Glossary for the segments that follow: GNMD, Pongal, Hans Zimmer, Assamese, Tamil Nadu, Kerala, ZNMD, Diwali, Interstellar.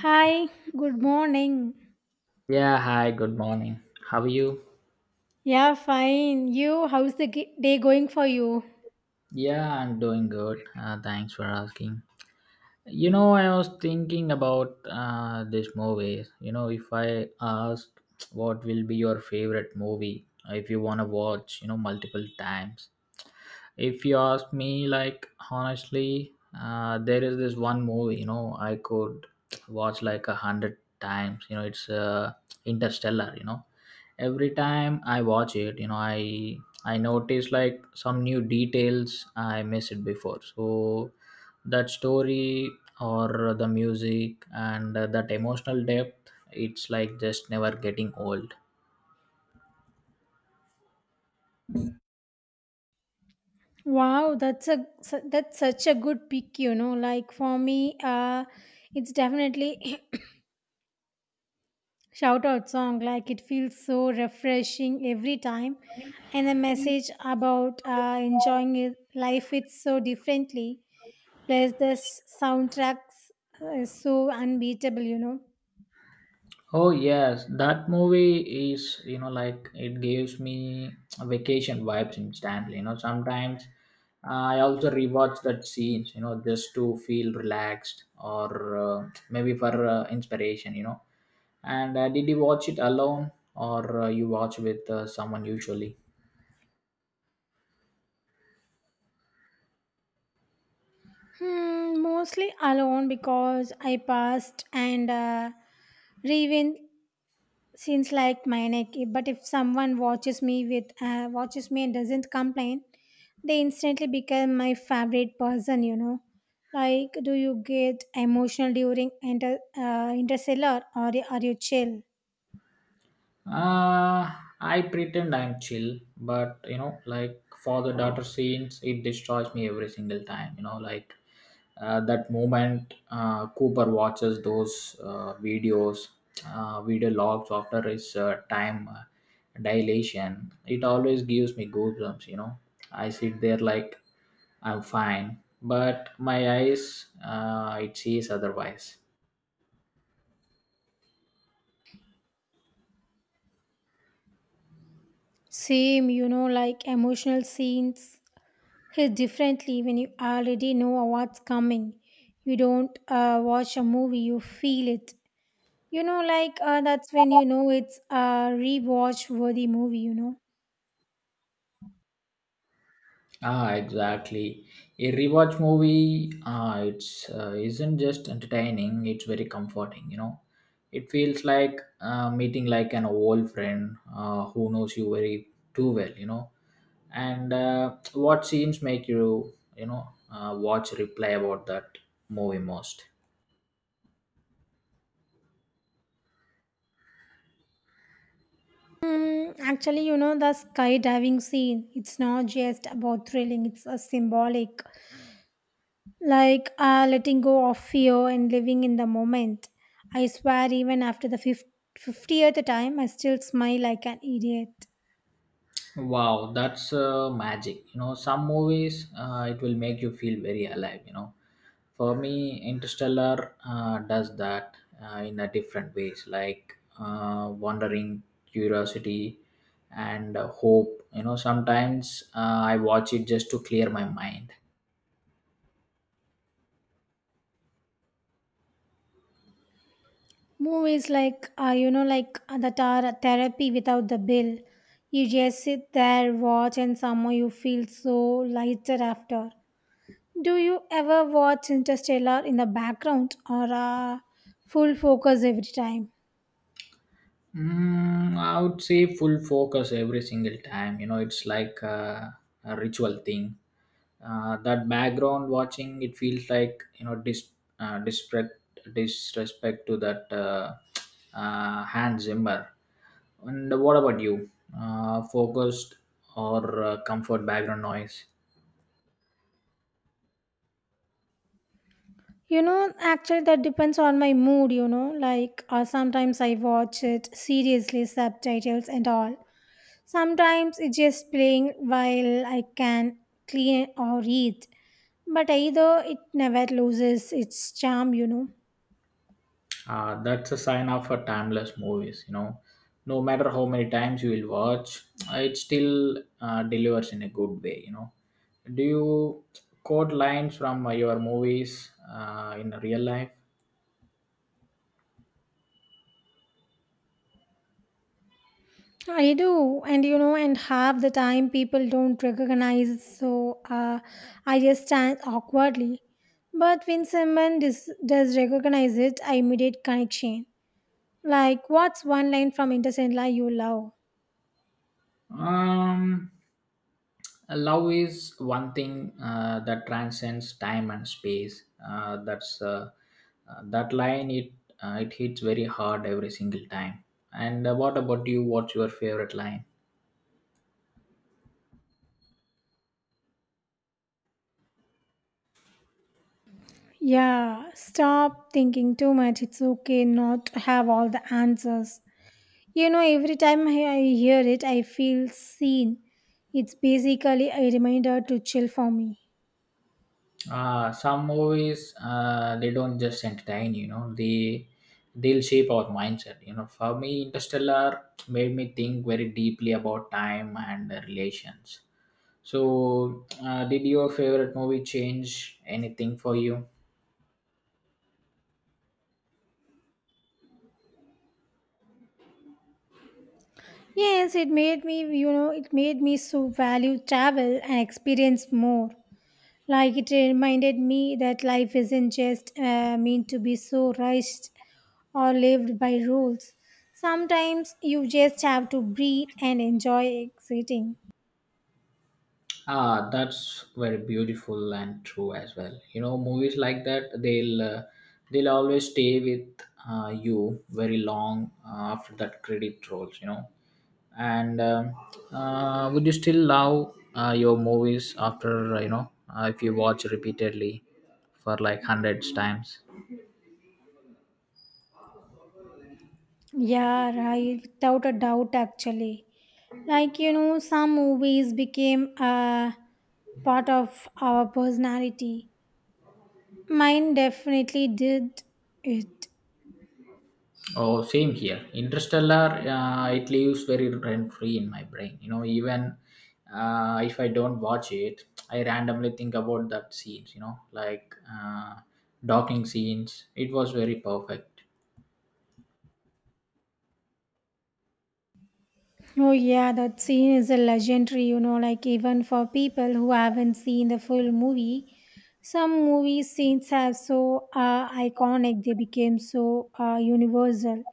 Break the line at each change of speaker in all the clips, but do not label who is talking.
Hi, good morning.
Yeah, hi, good morning. How are you?
Yeah, fine. You, how's the day going for you?
Yeah, I'm doing good. Thanks for asking. I was thinking about this movie. If I asked what will be your favorite movie, if you want to watch, multiple times, if you ask me like honestly there is this one movie I could watch like 100 times it's Interstellar. Every time I watch it I notice like some new details I missed before, so that story or the music and that emotional depth, it's like just never getting old.
Wow, that's such a good pick, you know. Like for me, it's definitely shout out song. Like it feels so refreshing every time, and the message about enjoying it, life it so differently. Plus, this soundtrack is so unbeatable, you know.
Oh yes, that movie is like it gives me vacation vibes instantly. Sometimes I also rewatch that scenes. Just to feel relaxed or maybe for inspiration. And did you watch it alone or you watch with someone usually?
Hmm, mostly alone because I passed and. Even seems like manic, but if someone watches me with watches me and doesn't complain, they instantly become my favorite person. You know, like do you get emotional during Interstellar or are you chill?
Uh, I pretend I'm chill, but like for the daughter scenes, it destroys me every single time. Like that moment Cooper watches those videos, video logs after his time dilation, it always gives me goosebumps. I sit there like I'm fine, but my eyes, it sees otherwise.
Same, you know, like emotional scenes hit differently when you already know what's coming. You don't watch a movie; you feel it. You know, like that's when you know it's a rewatch worthy movie. You know.
Ah, exactly. A rewatch movie, it's isn't just entertaining; it's very comforting. It feels like meeting like an old friend who knows you very too well. And what scenes make you, watch replay about that movie most?
Mm, actually, you know, the skydiving scene, it's not just about thrilling, it's a symbolic. Like letting go of fear and living in the moment. I swear, even after the 50th time, I still smile like an idiot.
Wow, that's magic. Some movies it will make you feel very alive. For me, Interstellar does that in a different ways, like wondering, curiosity, and hope. Sometimes I watch it just to clear my mind.
Movies like, you know, like therapy without the bill. You just sit there, watch, and somehow you feel so lighter after. Do you ever watch Interstellar in the background or full focus every time?
Mm, I would say full focus every single time. It's like a ritual thing. That background watching, it feels like disrespect, disrespect to that Hans Zimmer. And what about you? Focused or comfort background noise?
You know, actually, that depends on my mood, you know. Like, sometimes I watch it seriously, subtitles and all. Sometimes it's just playing while I can clean or eat. But either it never loses its charm, you know.
That's a sign of a timeless movies. No matter how many times you will watch, it still delivers in a good way. Do you quote lines from your movies in real life?
I do, and you know, and half the time people don't recognize, so I just stand awkwardly. But when someone does recognize it, I immediate connection. Like, what's one line from Interstellar you love?
Um, Love is one thing that transcends time and space. That line. It hits very hard every single time. And what about you? What's your favorite line?
Yeah, stop thinking too much. It's okay not to have all the answers. You know, every time I hear it, I feel seen. It's basically a reminder to chill for me.
Some movies they don't just entertain. They'll shape our mindset. For me, Interstellar made me think very deeply about time and relations. So, did your favorite movie change anything for you?
Yes, it made me, you know, it made me so value travel and experience more. Like it reminded me that life isn't just meant to be so rushed or lived by rules. Sometimes you just have to breathe and enjoy exiting.
Ah, that's very beautiful and true as well. Movies like that they'll always stay with you very long after that credit rolls. And would you still love your movies after if you watch repeatedly for like hundreds times?
Yeah, right, without a doubt, actually. Like, you know, some movies became a part of our personality. Mine definitely did it.
Oh, same here. Interstellar, it leaves very rent free in my brain. Even if I don't watch it, I randomly think about that scenes. Docking scenes. It was very perfect.
Oh, yeah, that scene is a legendary, you know, like even for people who haven't seen the full movie. Some movie scenes are so iconic, they became so universal.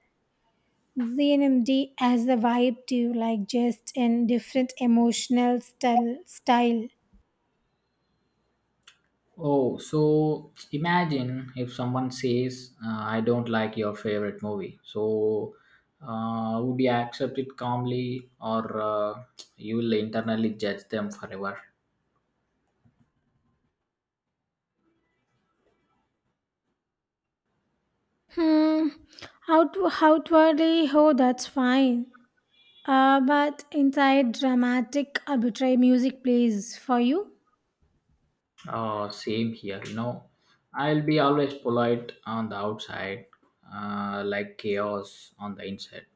ZNMD has the vibe too, like just in different emotional style.
Oh, so imagine if someone says, "I don't like your favorite movie." So, would you accept it calmly, or you will internally judge them forever?
Hmm, out, outwardly, oh, that's fine. But inside, dramatic, arbitrary music plays for you.
Same here, I'll be always polite on the outside, like chaos on the inside.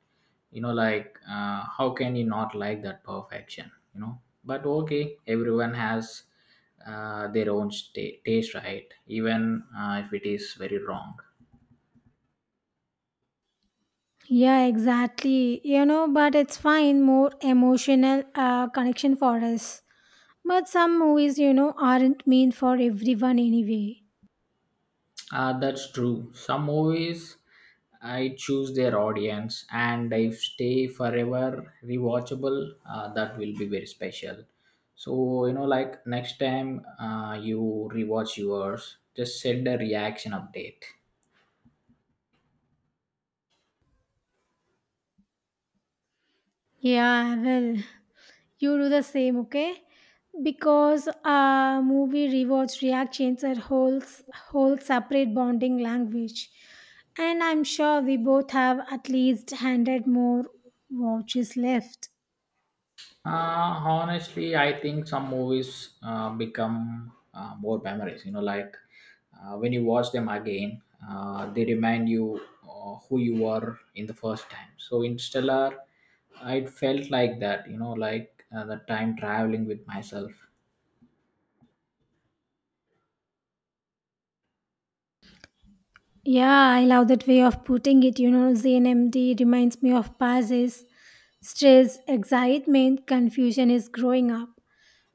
How can you not like that perfection? But okay, everyone has their own sta taste, right? Even if it is very wrong.
Yeah, exactly. You know, but it's fine, more emotional connection for us. But some movies, you know, aren't meant for everyone anyway.
That's true. Some movies I choose their audience, and if stay forever rewatchable, that will be very special. So like next time you rewatch yours, just send a reaction update.
Yeah, well, you do the same, okay? Because movie rewards reactions are whole separate bonding language. And I'm sure we both have at least 100 more watches left.
Honestly, I think some movies become more memories. When you watch them again, they remind you who you were in the first time. So Interstellar, it felt like that, the time traveling with myself.
Yeah, I love that way of putting it. You know, ZNMD reminds me of passes, stress, excitement, confusion is growing up.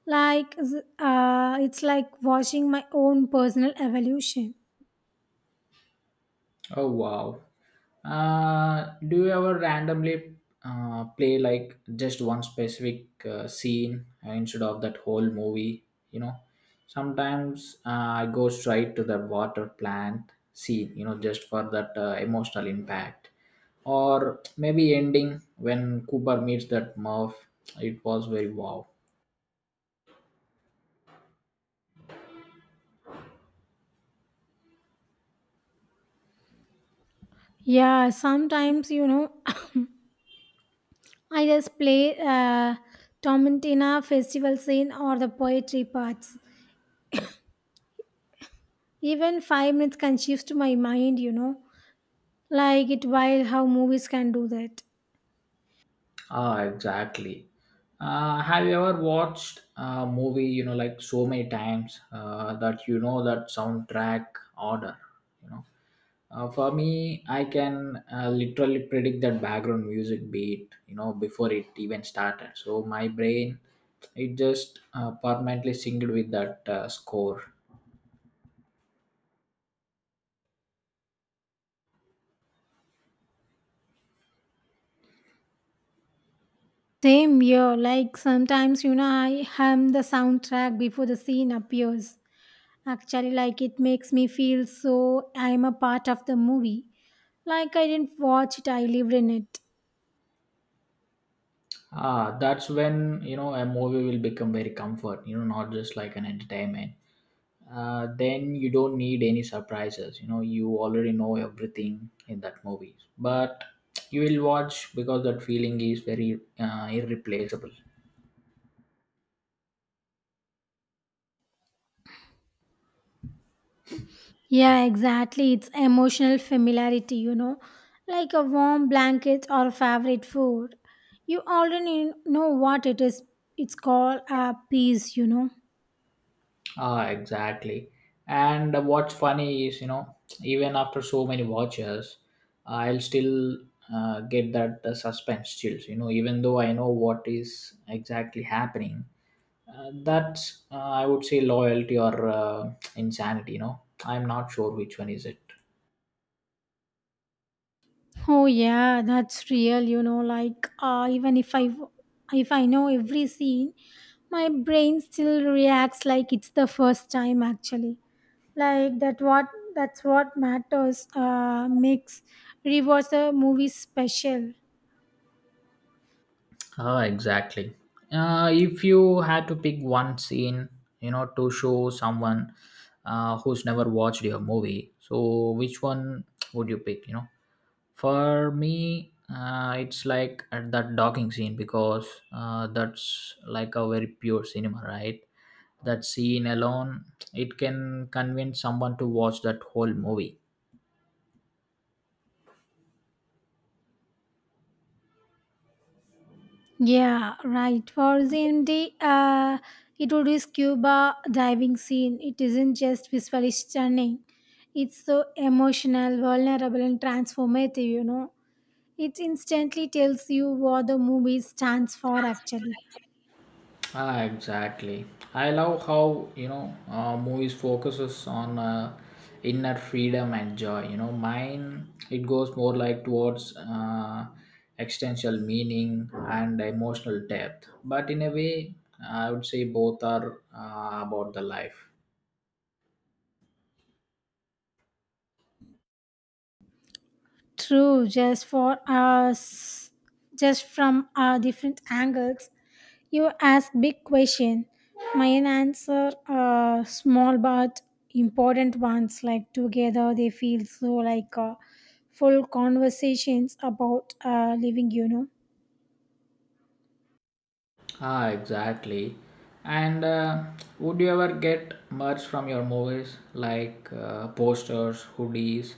Like, it's like watching my own personal evolution.
Oh wow! Do you ever randomly play like just one specific scene instead of that whole movie? You know, sometimes I go straight to the water plant scene, just for that emotional impact. Or maybe ending when Cooper meets that Murph. It was very wow.
Yeah, sometimes, you know, I just play Tomantina festival scene or the poetry parts. Even 5 minutes can shift my mind, you know, like it while how movies can do that.
Ah, exactly. Have you ever watched a movie, like so many times that you know that soundtrack order? You know, for me, I can literally predict that background music beat, before it even started. So my brain, it just permanently synced with that score.
Same here, like sometimes, you know, I hum the soundtrack before the scene appears. Actually, like it makes me feel so I'm a part of the movie. Like I didn't watch it, I lived in it.
Ah, that's when you know a movie will become very comfort. Not just like an entertainment. Then you don't need any surprises. You already know everything in that movie. But you will watch because that feeling is very irreplaceable.
Yeah, exactly. It's emotional familiarity, you know, like a warm blanket or a favorite food. You already know what it is. It's called a piece, you know.
Ah, exactly. And what's funny is, even after so many watches, I'll still get that suspense chills. Even though I know what is exactly happening. That's I would say loyalty or insanity. I'm not sure which one is it.
Oh yeah, that's real, you know, like even if I know every scene, my brain still reacts like it's the first time actually. Like that's what matters makes rewatch the movie special.
Ah, exactly. If you had to pick one scene, to show someone who's never watched your movie, so which one would you pick? For me, it's like at that docking scene because that's like a very pure cinema, right? That scene alone, it can convince someone to watch that whole movie.
Yeah, right. For ZMD, it would be scuba diving scene. It isn't just visually stunning. It's so emotional, vulnerable and transformative, you know it instantly tells you what the movie stands for actually.
Ah, exactly. I love how movies focuses on inner freedom and joy. Mine it goes more like towards existential meaning and emotional depth. But in a way, I would say both are about the life.
True, just for us, just from our different angles. You ask big question. Mine answer small but important ones. Like together, they feel so like full conversations about living. You know.
Ah, exactly. And would you ever get merch from your movies like posters, hoodies,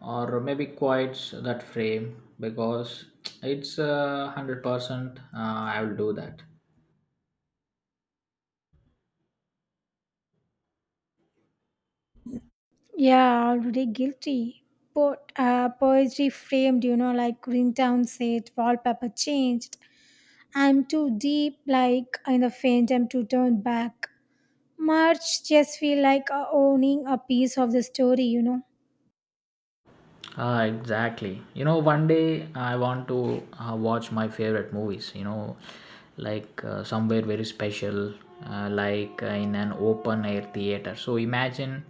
or maybe quotes that frame? Because it's 100%. I will do that.
Yeah, already guilty. But poetry framed. You know, like Greentown said, wallpaper changed I'm too deep, like in the faint, I'm too turned back. March just feel like owning a piece of the story, you know.
Ah, exactly. One day I want to watch my favorite movies, like somewhere very special, like in an open air theater. So imagine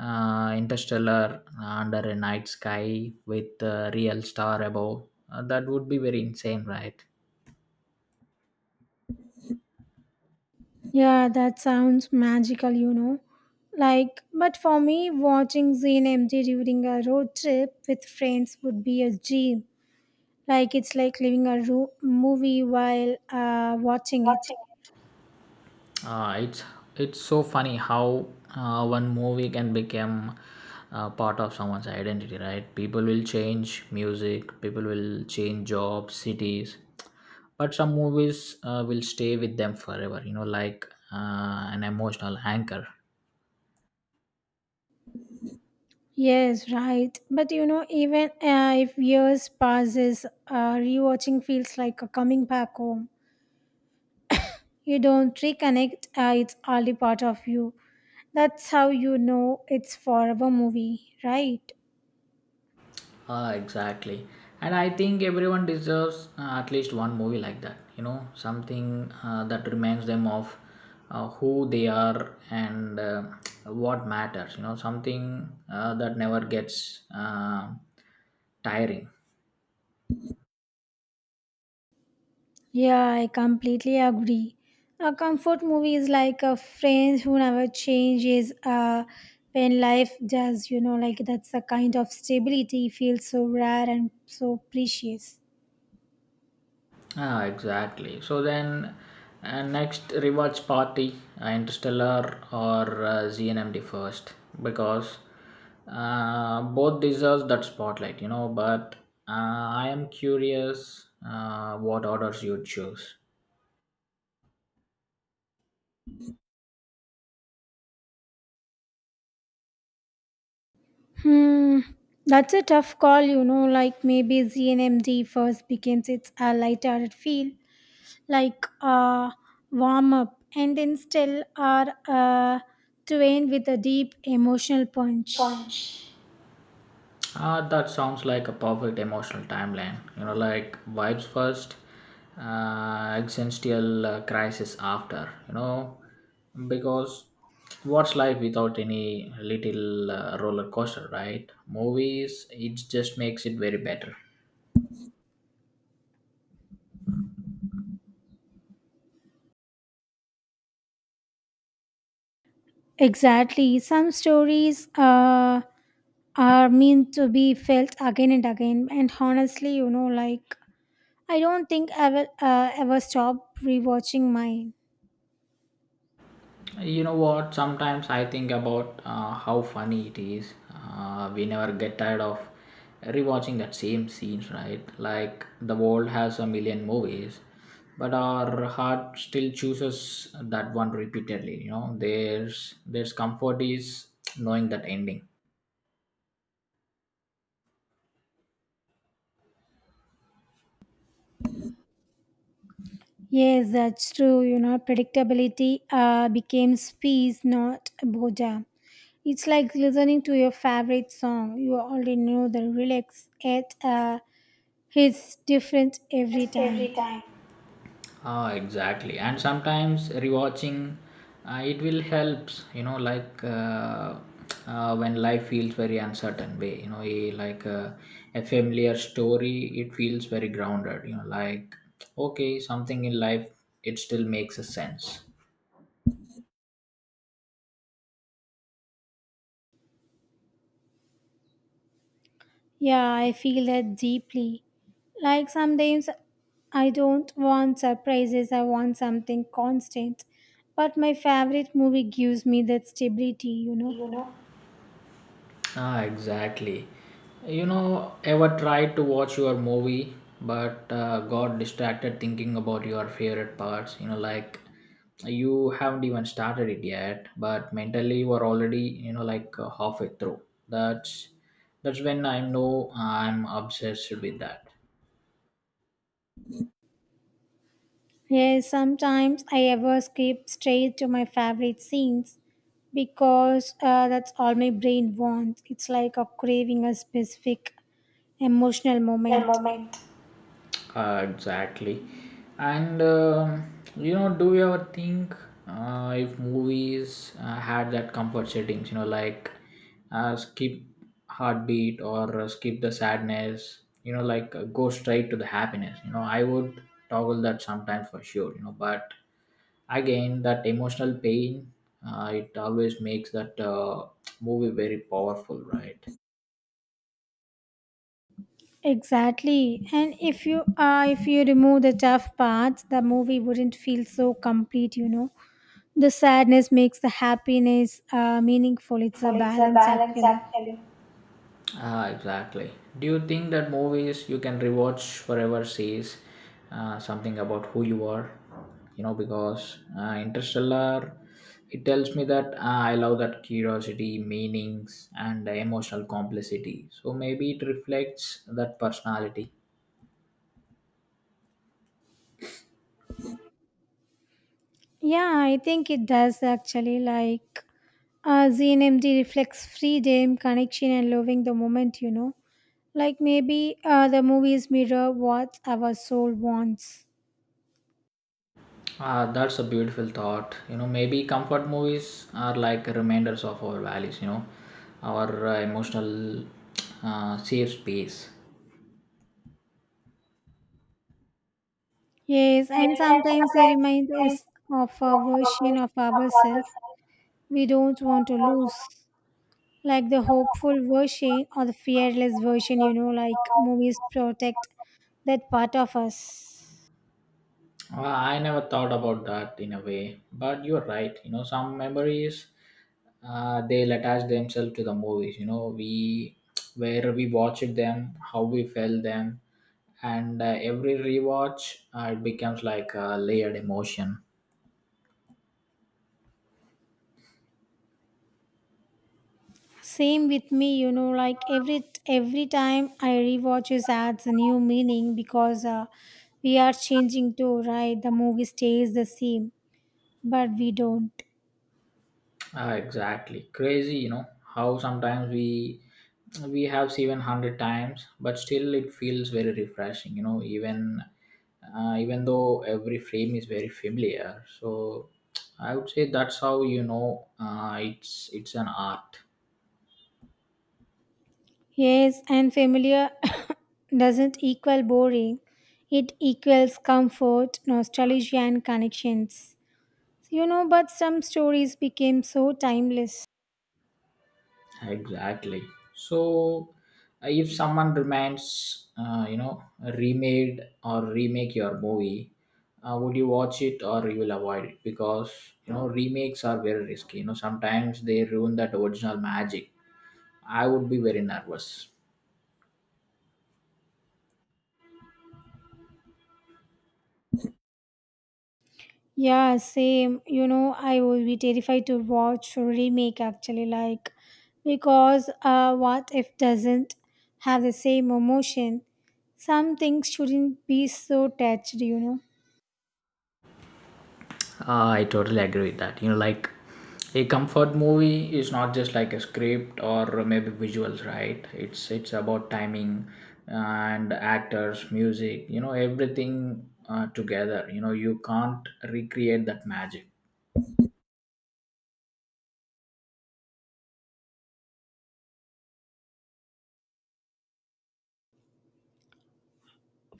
Interstellar under a night sky with a real star above. That would be very insane, right?
Yeah, that sounds magical, you know. Like, but for me, watching Zane empty during a road trip with friends would be a dream. Like, it's like living a movie while watching it.
uh, it's it's so funny how one movie can become part of someone's identity, right? People will change music, people will change jobs, cities, but some movies will stay with them forever, an emotional anchor.
Yes, right. But you know, even if years passes, rewatching feels like a coming back home. You don't reconnect, it's hardly part of you. That's how you know it's forever movie, right?
Exactly. And I think everyone deserves at least one movie like that. Something that reminds them of who they are and what matters. Something that never gets tiring.
Yeah, I completely agree. A comfort movie is like a friend who never changes when life does, you know, like that's a kind of stability feels so rare and so precious.
Ah, exactly. So then, next rewards party, Interstellar or ZNMD first, because both deserves that spotlight, But I am curious what orders you choose.
Hmm, that's a tough call, you know, like maybe ZNMD first became its a lighthearted feel like warm up and then still are twain with a deep emotional punch.
That sounds like a perfect emotional timeline. Like vibes first, existential crisis after. Because what's life without any little roller coaster, right? Movies, it just makes it very better.
Exactly. Some stories are meant to be felt again and again. And honestly, you know, like I don't think I will ever stop rewatching mine.
You know what? Sometimes I think about how funny it is. We never get tired of rewatching that same scenes, right? Like the world has a million movies, but our heart still chooses that one repeatedly. There's comfort is knowing that ending.
Yes, that's true. You know, predictability became peace, not boredom. It's like listening to your favorite song. You already know the lyrics. Yet it's different every time.
Ah, exactly. And sometimes rewatching, it will helps. When life feels very uncertain way. A familiar story, it feels very grounded. Like okay, something in life, it still makes a sense.
Yeah, I feel that deeply. Like sometimes I don't want surprises. I want something constant. But my favorite movie gives me that stability. You know,
Ah, exactly. Ever tried to watch your movie but got distracted thinking about your favorite parts? Like you haven't even started it yet, but mentally you are already, halfway through. That's that's when I know I'm obsessed with that.
yes, sometimes I ever skip straight to my favorite scenes because that's all my brain wants. It's like a craving a specific emotional moment.
Exactly. And do you ever think if movies had that comfort settings, like skip heartbeat or skip the sadness, like go straight to the happiness. I would toggle that sometimes for sure, but again, that emotional pain, it always makes that movie very powerful, right?
Exactly, and if you remove the tough parts, the movie wouldn't feel so complete. You know, the sadness makes the happiness meaningful. It's a balance, actually.
Ah, exactly. Do you think that movies you can rewatch forever says something about who you are? You know, because Interstellar, it tells me that I love that curiosity, meanings, and emotional complicity. So maybe it reflects that personality.
Yeah, I think it does actually. Like, ZNMD reflects freedom, connection, and loving the moment, you know. Like, maybe the movies mirror what our soul wants.
Ah, that's a beautiful thought. You know, maybe comfort movies are like reminders of our values. You know, our emotional safe space.
Yes, and sometimes they remind us of a version of ourselves we don't want to lose. Like the hopeful version or the fearless version, you know, like movies protect that part of us.
I never thought about that in a way, but you're right. You know, some memories they'll attach themselves to the movies. You know, we where we watched them, how we felt them, and every rewatch it becomes like a layered emotion.
Same with me, you know, like every time I rewatch it adds a new meaning because we are changing too, right? The movie stays the same, but we don't.
Ah, exactly. Crazy, you know, how sometimes we have seen hundred times, but still it feels very refreshing. You know, even even though every frame is very familiar, so I would say that's how you know it's an art.
Yes, and familiar doesn't equal boring. It equals comfort, nostalgia, and connections. You know, but some stories became so timeless.
Exactly. So, if someone demands, you know, a remade or remake your movie, would you watch it or you will avoid it? Because you know, remakes are very risky. You know, sometimes they ruin that original magic. I would be very nervous.
Yeah, same. You know, I will be terrified to watch remake actually, like because what if doesn't have the same emotion? Some things shouldn't be so touched, you know.
I totally agree with that. You know, like a comfort movie is not just like a script or maybe visuals, right? It's about timing and actors, music, you know, everything together. You know, you can't recreate that magic.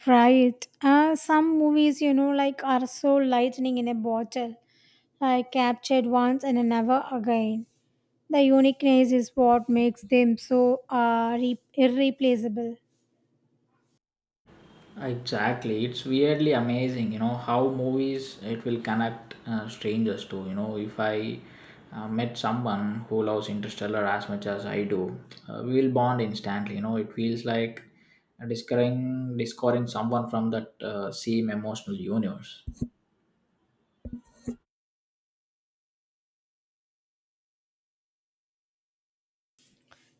Right. Some movies, you know, like are so lightning in a bottle, like captured once and never again. The uniqueness is what makes them so irreplaceable.
Exactly. It's weirdly amazing, you know, how movies it will connect strangers to. You know, if I met someone who loves Interstellar as much as I do, we will bond instantly. You know, it feels like discovering someone from that same emotional universe.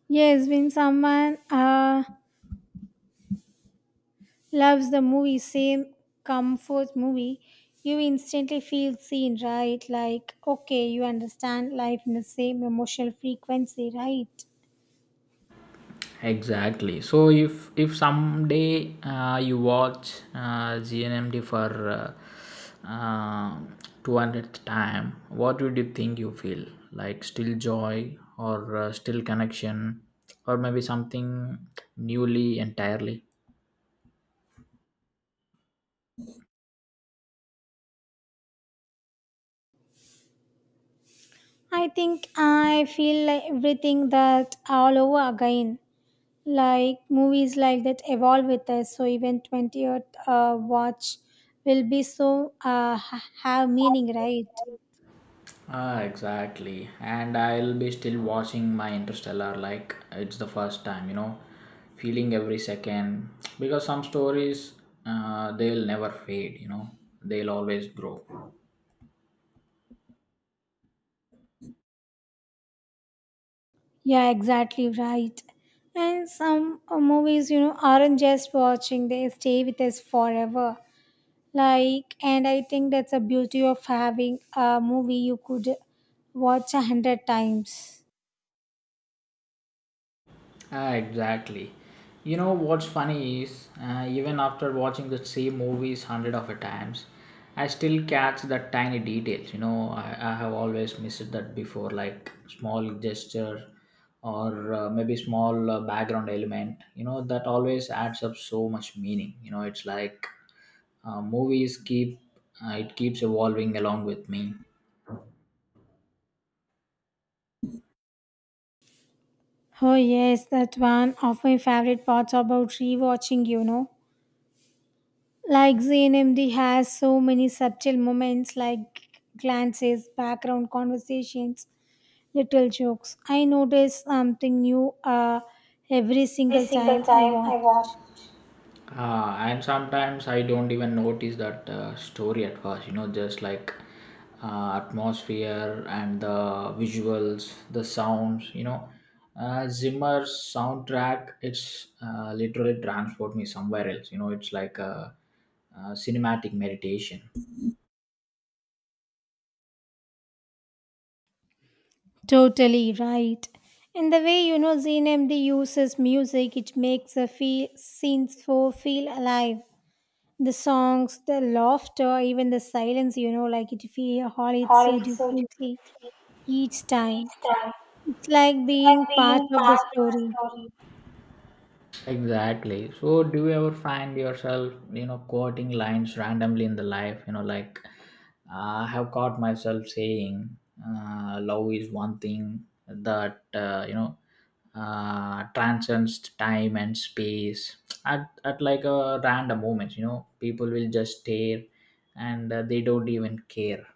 Yes, when someone loves the movie, same comfort movie. You instantly feel seen, right? Like, okay, you understand life in the same emotional frequency, right?
Exactly. So if someday you watch GNMD for uh, uh, 200th time, what would you think you feel? Like still joy or still connection or maybe something newly entirely?
I think I feel like everything that all over again. Like movies like that evolve with us, so even 20th watch will be so have meaning, right?
Ah, exactly. And I'll be still watching my Interstellar like it's the first time, you know, feeling every second because some stories they'll never fade, you know, they'll always grow.
Yeah, exactly right. And some movies, you know, aren't just watching, they stay with us forever. Like, and I think that's a beauty of having a movie you could watch a hundred times.
Ah, exactly. You know what's funny is, even after watching the same movies hundred of a times, I still catch that tiny details. I have always missed that before, like small gesture or maybe small background element. You know, that always adds up so much meaning. You know, it's like movies keep it keeps evolving along with me.
Oh, yes, that one of my favorite parts about rewatching, you know. Like, ZNMD has so many subtle moments like glances, background conversations, little jokes. I notice something new every single time I watch.
Ah, and sometimes I don't even notice that story at first, you know, just like atmosphere and the visuals, the sounds, you know. Zimmer's soundtrack, it's literally transport me somewhere else, you know, it's like a cinematic meditation.
Totally right. And the way you know ZNMD uses music, it makes the feel, scenes for feel alive. The songs, the laughter, even the silence, you know, like it feel all it so differently each time. It's like being part of the story.
Exactly. So, do you ever find yourself, you know, quoting lines randomly in the life? You know, like I have caught myself saying, "Love is one thing that transcends time and space." At like a random moment, you know, people will just stare, and they don't even care.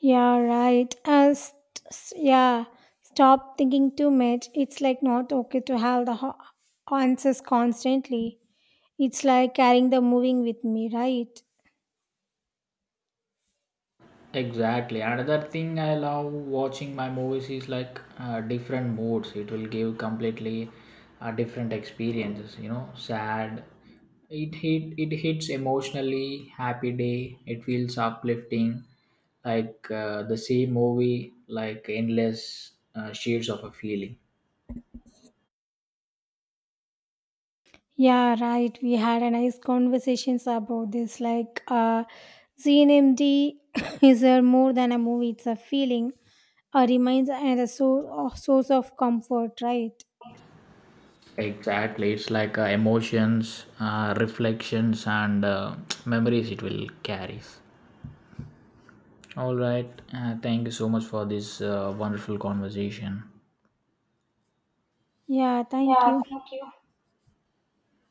Yeah, right. Yeah, stop thinking too much. It's like not okay to have the answers constantly. It's like carrying the moving with me, right?
Exactly. Another thing I love watching my movies is like different moods. It will give completely different experiences. You know, sad. It hit. It hits emotionally. Happy day. It feels uplifting. Like the same movie, like endless shades of a feeling.
Yeah, right. We had a nice conversations about this. Like, ZNMD is a more than a movie. It's a feeling, a reminder, and a source of comfort, right?
Exactly. It's like emotions, reflections, and memories. It will carry. All right. Thank you so much for this wonderful conversation.
Yeah. Thank you.